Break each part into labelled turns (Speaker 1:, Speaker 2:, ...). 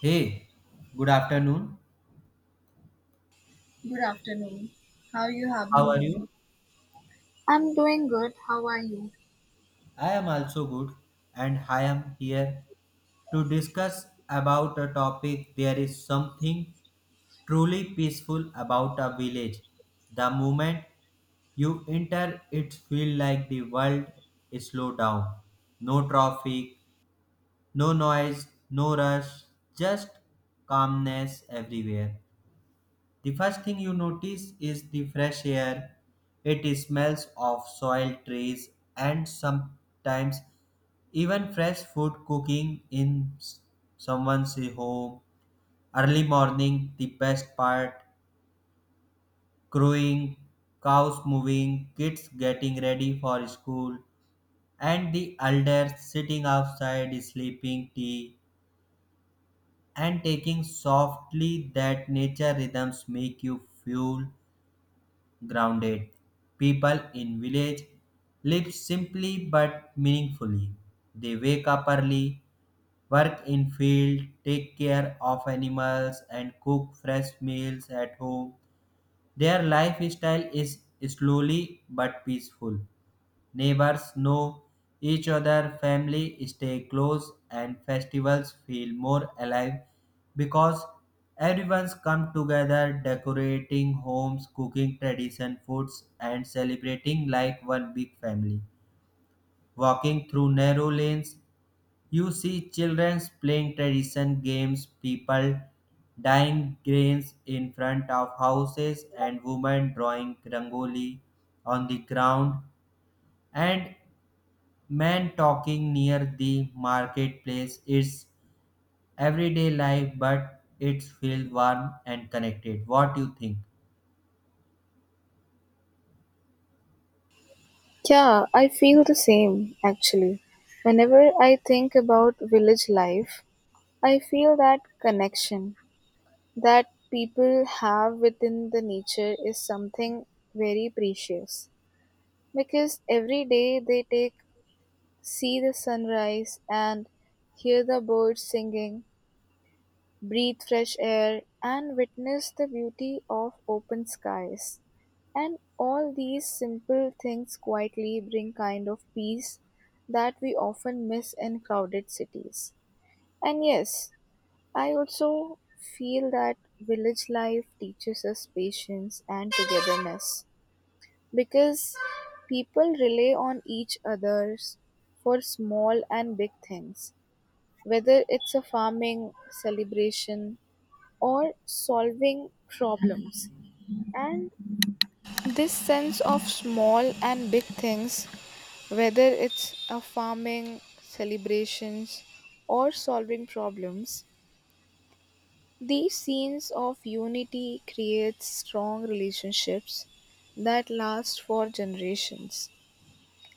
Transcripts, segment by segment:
Speaker 1: Hey, good afternoon.
Speaker 2: Good afternoon. How you have
Speaker 1: How
Speaker 2: been
Speaker 1: are you?
Speaker 2: doing? I'm doing good. How are you?
Speaker 1: I am also good and I am here to discuss about a topic there is something truly peaceful about a village. The moment you enter it feels like the world is slow down. No traffic, no noise, no rush, just calmness everywhere. The first thing you notice is the fresh air. It smells of soil, trees, and sometimes even fresh food cooking in someone's home. Early morning, the best part crowing, cows moving, kids getting ready for school, and the elders sitting outside sleeping tea and taking softly that nature rhythms make you feel grounded. People in village live simply but meaningfully. They wake up early, work in field, take care of animals and cook fresh meals at home. Their lifestyle is slowly but peaceful. Neighbors know each other, family stay close, and festivals feel more alive because everyone's come together decorating homes, cooking tradition foods, and celebrating like one big family. Walking through narrow lanes, you see children playing tradition games, people dyeing grains in front of houses, and women drawing rangoli on the ground. And man talking near the marketplace. It's everyday life, but it feels warm and connected. What do you think?
Speaker 2: Yeah, I feel the same actually. Whenever I think about village life, I feel that connection that people have within the nature is something very precious because every day they take see the sunrise and hear the birds singing breathe fresh air, and witness the beauty of open skies. And all these simple things quietly bring kind of peace that we often miss in crowded cities. And yes, I also feel that village life teaches us patience and togetherness because people rely on each others for small and big things whether it's a farming celebration or solving problems. And this sense of small and big things, whether it's a farming, celebrations, or solving problems, these scenes of unity create strong relationships that last for generations.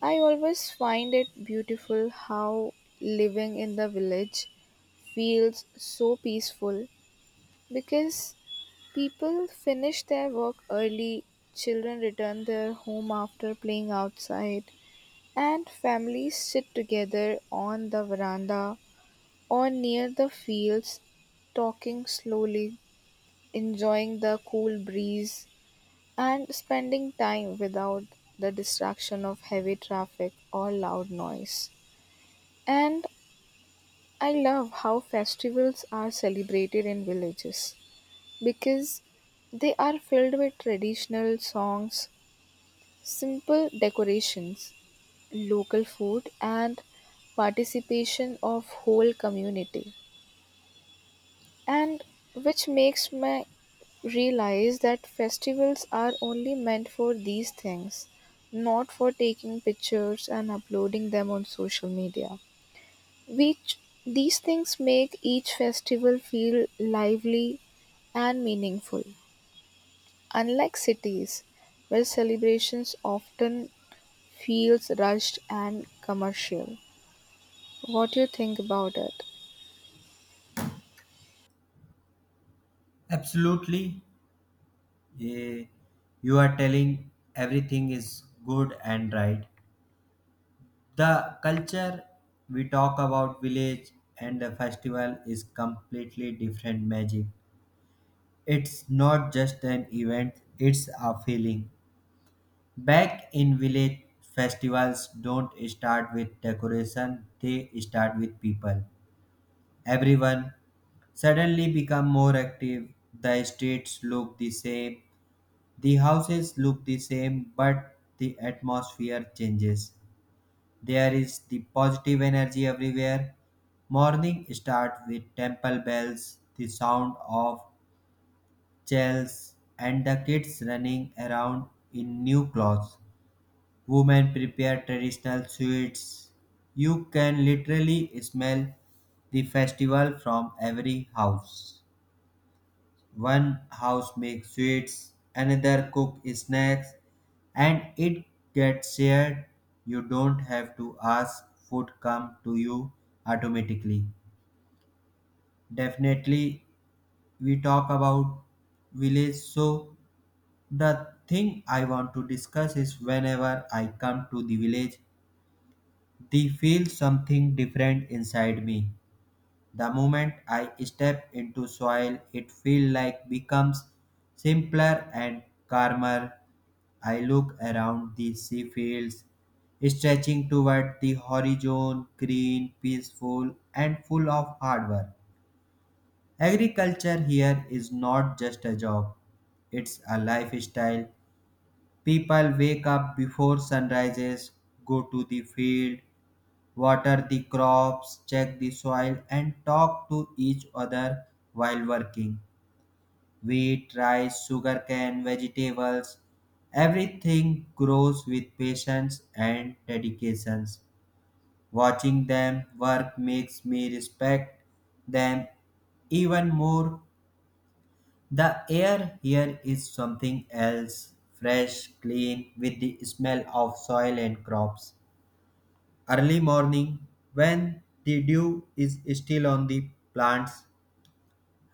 Speaker 2: I always find it beautiful how living in the village feels so peaceful because people finish their work early, children return their home after playing outside, and families sit together on the veranda or near the fields, talking slowly, enjoying the cool breeze, and spending time without the distraction of heavy traffic or loud noise. And I love how festivals are celebrated in villages because they are filled with traditional songs, simple decorations, local food, and participation of whole community. And which makes me realize that festivals are only meant for these things, not for taking pictures and uploading them on social media. Which these things make each festival feel lively and meaningful. Unlike cities, where celebrations often feels rushed and commercial. What do you think about it?
Speaker 1: Absolutely. Eh, you are telling everything is good and right. The culture we talk about village and the festival is completely different magic. It's not just an event, it's a feeling. Back in village, festivals don't start with decoration, they start with people. Everyone suddenly become more active. The streets look the same, the houses look the same, but the atmosphere changes. There is the positive energy everywhere. Morning start with temple bells, the sound of chants, and the kids running around in new clothes. Women prepare traditional sweets. You can literally smell the festival from every house. One house makes sweets, another cook snacks, and it gets shared. You don't have to ask, food come to you automatically. Definitely, we talk about village. So the thing I want to discuss is whenever I come to the village, they feel something different inside me. The moment I step into soil, it feels like becomes simpler and calmer. I look around the sea fields, stretching toward the horizon, green, peaceful, and full of hard work. Agriculture here is not just a job, it's a lifestyle. People wake up before sunrises, go to the field, water the crops, check the soil, and talk to each other while working. Wheat, rice, sugarcane, vegetables, everything grows with patience and dedication. Watching them work makes me respect them even more. The air here is something else fresh, clean, with the smell of soil and crops. Early morning, when the dew is still on the plants,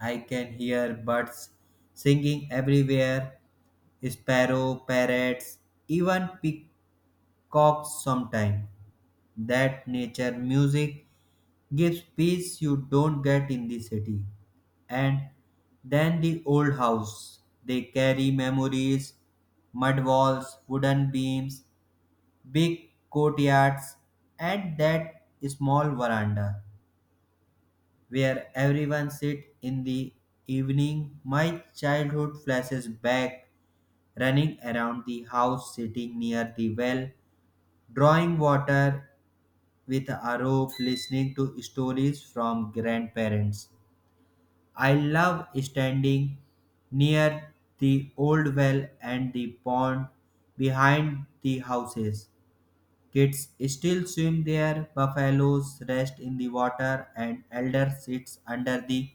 Speaker 1: I can hear birds singing everywhere, sparrow, parrots, even peacocks sometimes. That nature music gives peace you don't get in the city. And then the old house. They carry memories, mud walls, wooden beams, big courtyards, and that small veranda where everyone sit in the evening, my childhood flashes back, running around the house, sitting near the well, drawing water with a rope, listening to stories from grandparents. I love standing near the old well and the pond behind the houses. Kids still swim there, buffaloes rest in the water, and elder sits under the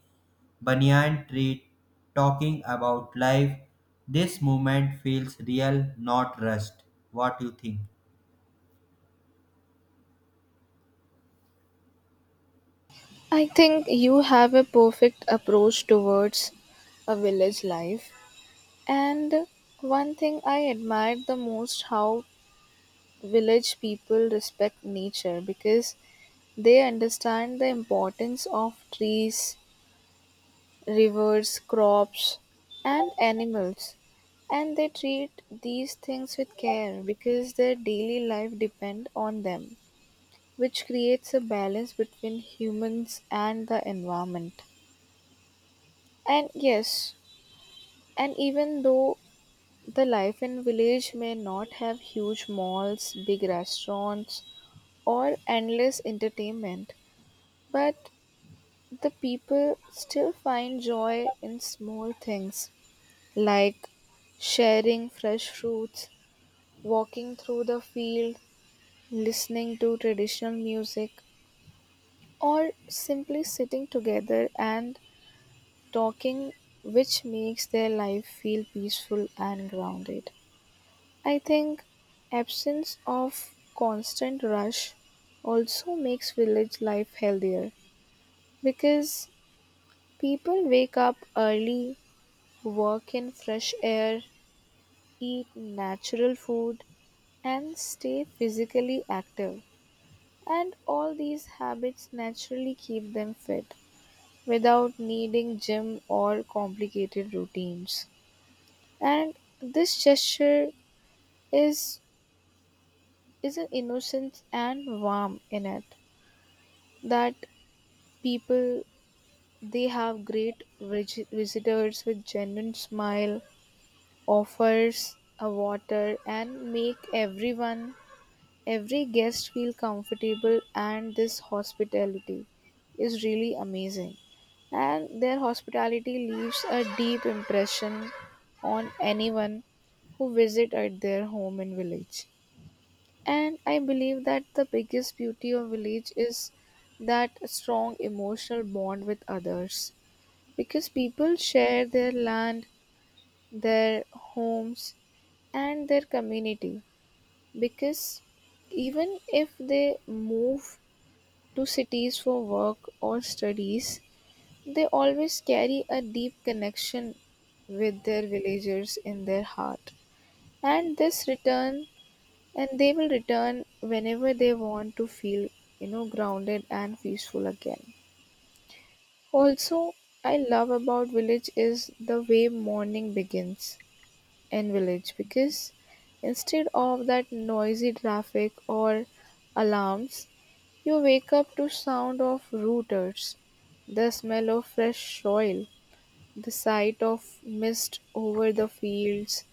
Speaker 1: banyan tree talking about life. This moment feels real, not rushed. What do you think?
Speaker 2: I think you have a perfect approach towards a village life. And one thing I admired the most how village people respect nature because they understand the importance of trees, rivers, crops, and animals. And they treat these things with care because their daily life depend on them, which creates a balance between humans and the environment. And yes, and even though the life in village may not have huge malls, big restaurants, or endless entertainment, but the people still find joy in small things like sharing fresh fruits, walking through the field, listening to traditional music, or simply sitting together and talking, which makes their life feel peaceful and grounded. I think absence of constant rush also makes village life healthier because people wake up early, work in fresh air, eat natural food, and stay physically active. And all these habits naturally keep them fit without needing gym or complicated routines. And this gesture is is an innocence and warmth in it that people they have great visitors with genuine smile, offers a water and make every guest feel comfortable and this hospitality is really amazing and their hospitality leaves a deep impression on anyone who visit at their home and village. And I believe that the biggest beauty of village is that strong emotional bond with others because people share their land, their homes, and their community. Because even if they move to cities for work or studies, they always carry a deep connection with their villagers in their heart. And this return and they will return whenever they want to feel grounded and peaceful again. Also, I love about village is the way morning begins in village because instead of that noisy traffic or alarms you wake up to sound of rooters, the smell of fresh soil, the sight of mist over the fields,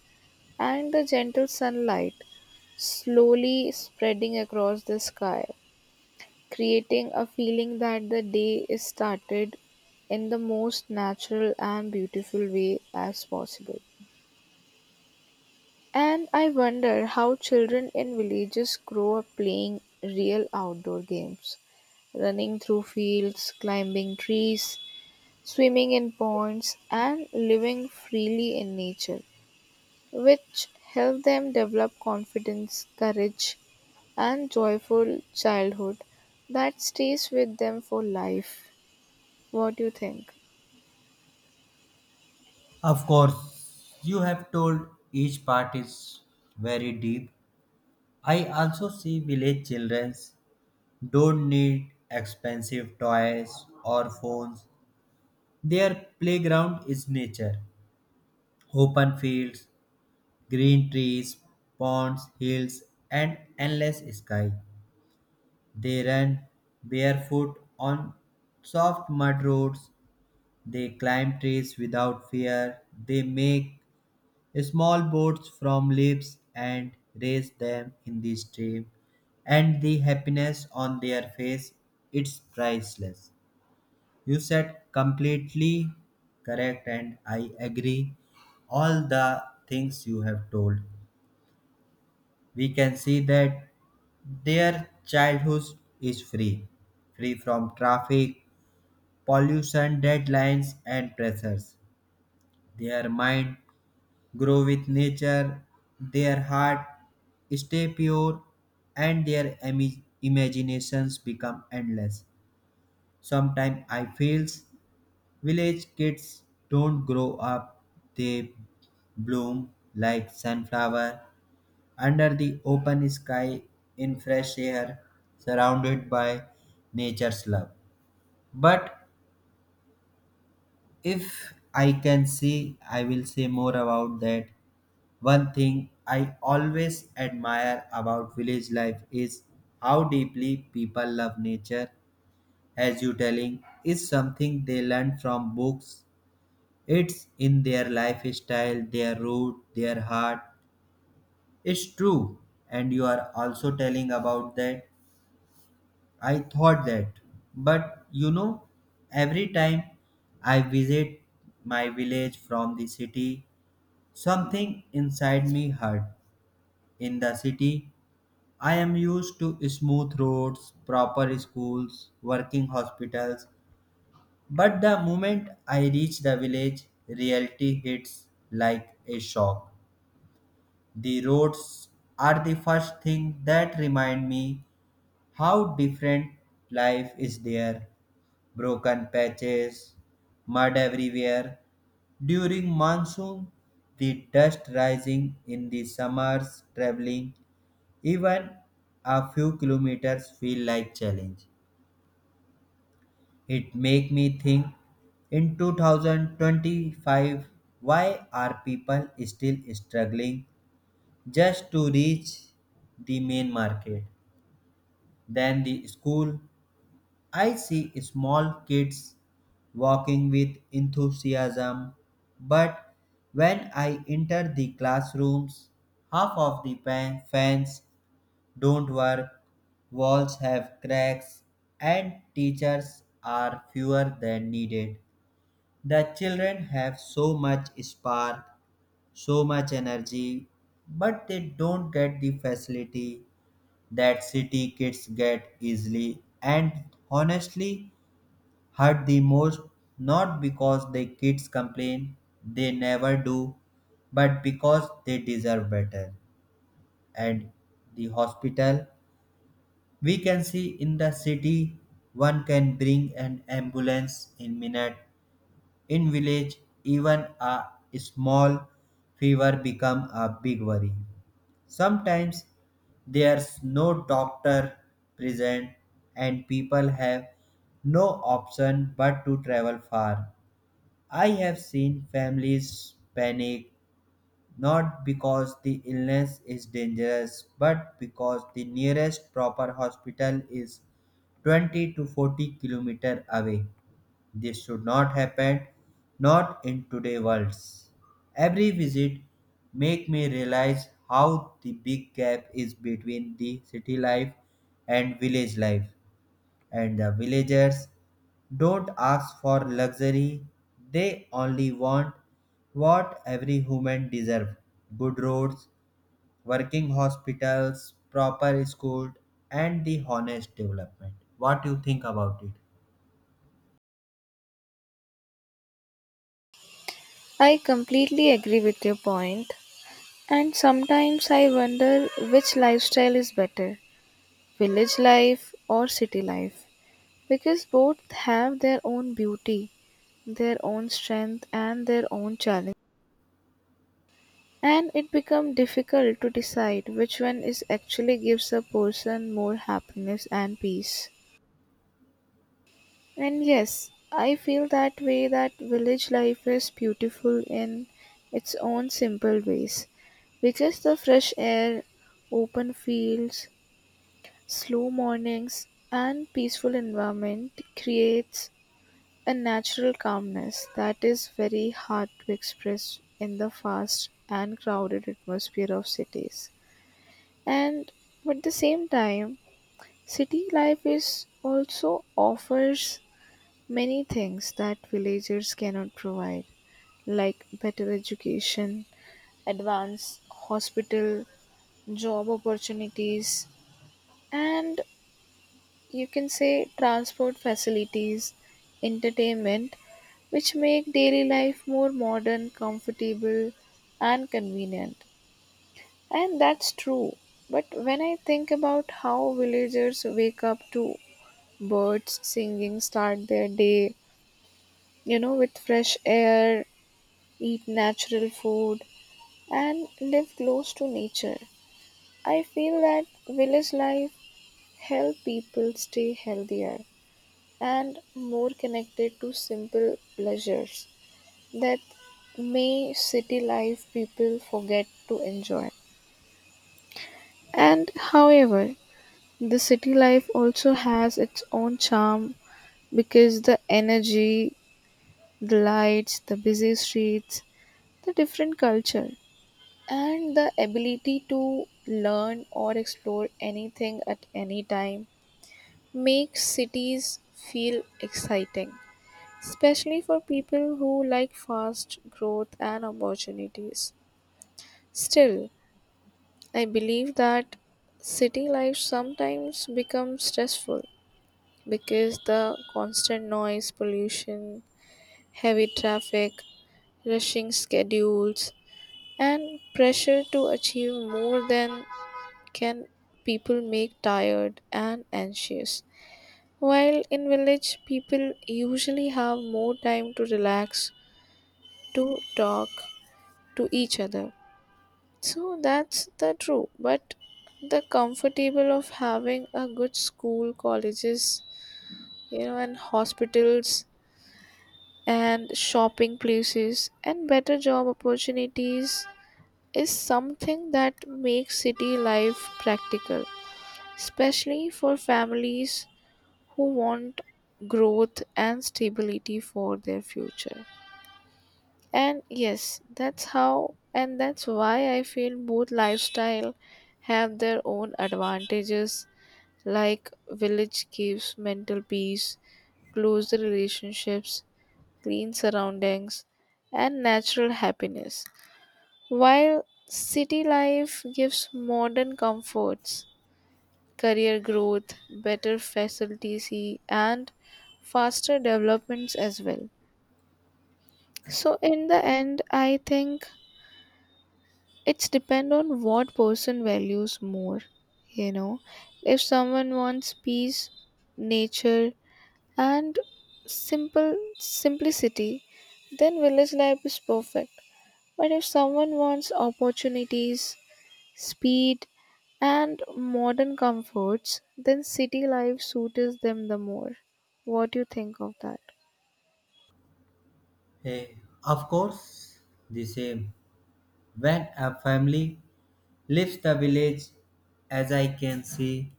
Speaker 2: and the gentle sunlight slowly spreading across the sky, creating a feeling that the day is started in the most natural and beautiful way as possible. And I wonder how children in villages grow up playing real outdoor games, running through fields, climbing trees, swimming in ponds, and living freely in nature, which help them develop confidence, courage, and joyful childhood that stays with them for life. What do you think?
Speaker 1: Of course, you have told each part is very deep. I also see village children don't need expensive toys or phones. Their playground is nature, open fields, green trees, ponds, hills, and endless sky. They run barefoot on soft mud roads. They climb trees without fear. They make small boats from leaves and raise them in the stream. And the happiness on their face, it's priceless. You said completely correct, and I agree all the things you have told. We can see that their childhood is free, free from traffic, pollution, deadlines, and pressures. Their mind grow with nature, their heart stay pure, and their imaginations become endless. Sometimes I feels village kids don't grow up; they bloom like sunflower under the open sky in fresh air surrounded by nature's love. But if I can see I will say more about that. One thing I always admire about village life is how deeply people love nature as you telling is something they learn from books. It's in their lifestyle, their root, their heart. It's true and you are also telling about that. I thought that, but every time I visit my village from the city, something inside me hurt. In the city, I am used to smooth roads, proper schools, working hospitals, but the moment I reach the village, reality hits like a shock. The roads are the first thing that remind me how different life is there, broken patches, mud everywhere. During monsoon, the dust rising in the summers, traveling even a few kilometers feel like challenge. It make me think in 2025 why are people still struggling just to reach the main market. Then the school, I see small kids walking with enthusiasm, but when I enter the classrooms, half of the fans don't work, walls have cracks, and teachers are fewer than needed. The children have so much spark, so much energy, but they don't get the facility that city kids get easily. And honestly, hurt the most not because the kids complain, they never do, but because they deserve better. And the hospital, we can see in the city one can bring an ambulance in minute, in village even a small fever become a big worry. Sometimes there's no doctor present and people have no option but to travel far. I have seen families panic not because the illness is dangerous but because the nearest proper hospital is 20 to 40 kilometer away. This should not happen, not in today's world. Every visit make me realize how the big gap is between the city life and village life. And the villagers don't ask for luxury, they only want what every human deserves, good roads, working hospitals, proper schools, and the honest development. What do you think about it?
Speaker 2: I completely agree with your point, and sometimes I wonder which lifestyle is better village life or city life because both have their own beauty, their own strength, and their own challenge. And it becomes difficult to decide which one is actually gives a person more happiness and peace. And yes, I feel that way that village life is beautiful in its own simple ways because the fresh air, open fields, slow mornings, and peaceful environment creates a natural calmness that is very hard to express in the fast and crowded atmosphere of cities. And at the same time, city life is also offers many things that villagers cannot provide, like better education, advanced hospital, job opportunities, and you can say transport facilities, entertainment, which make daily life more modern, comfortable, and convenient. And that's true. But when I think about how villagers wake up to birds singing, start their day, you know, with fresh air, eat natural food, and live close to nature. I feel that village life help people stay healthier and more connected to simple pleasures that may city life people forget to enjoy. And however, the city life also has its own charm because the energy, the lights, the busy streets, the different culture and the ability to learn or explore anything at any time makes cities feel exciting, especially for people who like fast growth and opportunities. Still, I believe that city life sometimes becomes stressful because the constant noise, pollution, heavy traffic, rushing schedules, and pressure to achieve more than can people make tired and anxious. While in village, people usually have more time to relax, to talk to each other. So that's the true, but the comfortable of having a good school, colleges, you know, and hospitals and shopping places and better job opportunities is something that makes city life practical, especially for families who want growth and stability for their future. And yes, that's how and that's why I feel both lifestyle have their own advantages like village gives mental peace, closer relationships, clean surroundings and natural happiness. While city life gives modern comforts career growth, better facilities, and faster developments as well. So, in the end, I think it's depend on what person values more. You know, if someone wants peace, nature, and simple simplicity, then village life is perfect. But if someone wants opportunities, speed, and modern comforts, then city life suits them the more. What do you think of that?
Speaker 1: Eh, of course, the same. When a family leaves the village, as I can see,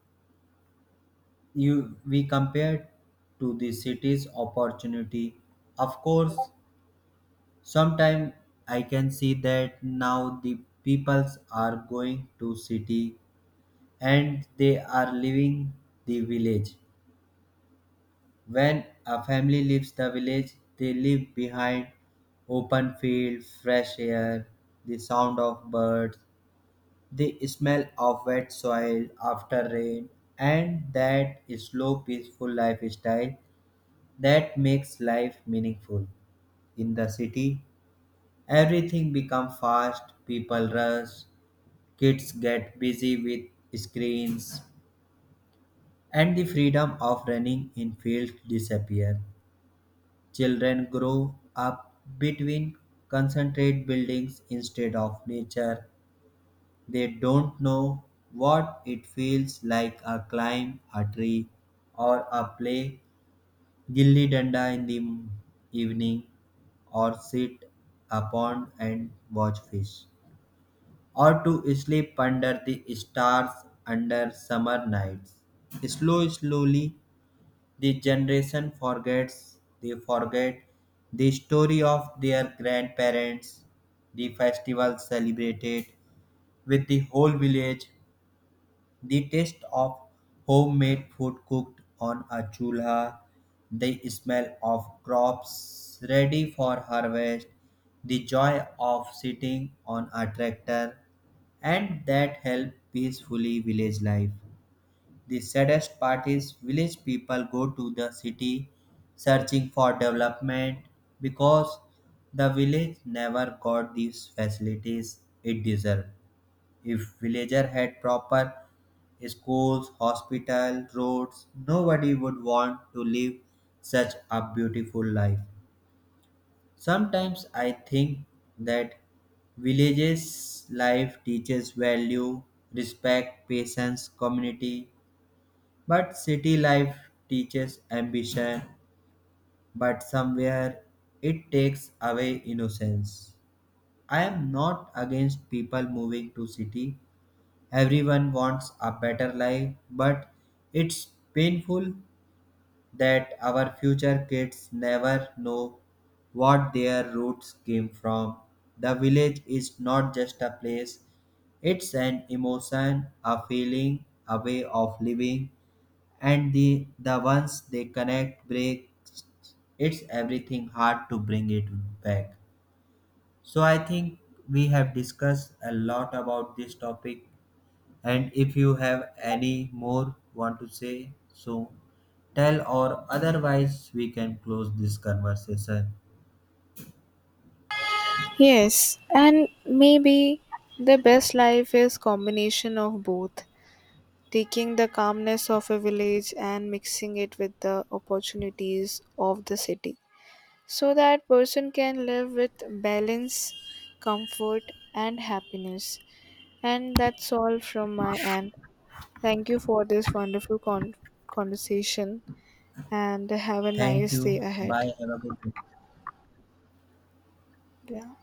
Speaker 1: you we compare to the city's opportunity. Of course, sometimes I can see that now the peoples are going to city and they are leaving the village. When a family leaves the village, they leave behind open field, fresh air, the sound of birds, the smell of wet soil after rain, and that slow, peaceful lifestyle that makes life meaningful. In the city, everything become fast, people rush, kids get busy with screens, and the freedom of running in fields disappear. Children grow up between concentrate buildings instead of nature. They don't know what it feels like a climb a tree or a play gilli danda in the evening or sit upon and watch fish, or to sleep under the stars under summer nights. Slow, slowly, the generation forgets, they forget the story of their grandparents, the festival celebrated with the whole village, the taste of homemade food cooked on a chulha, the smell of crops ready for harvest, the joy of sitting on a tractor, and that help peacefully village life. The saddest part is village people go to the city searching for development because the village never got these facilities it deserved. If villager had proper schools, hospital, roads, nobody would want to live such a beautiful life. Sometimes I think that villages life teaches value, respect, patience, community, but city life teaches ambition, but somewhere it takes away innocence. I am not against people moving to city. Everyone wants a better life, but it's painful that our future kids never know what their roots came from. The village is not just a place, it's an emotion, a feeling, a way of living, and the ones they connect breaks, it's everything hard to bring it back. So I think we have discussed a lot about this topic and if you have any more want to say, so tell or otherwise we can close this conversation.
Speaker 2: Yes, and maybe the best life is combination of both, taking the calmness of a village and mixing it with the opportunities of the city, so that person can live with balance, comfort, and happiness. And that's all from my end. Thank you for this wonderful conversation and have a
Speaker 1: Thank
Speaker 2: nice
Speaker 1: you.
Speaker 2: day ahead.
Speaker 1: Bye. Have a good day.
Speaker 2: Yeah.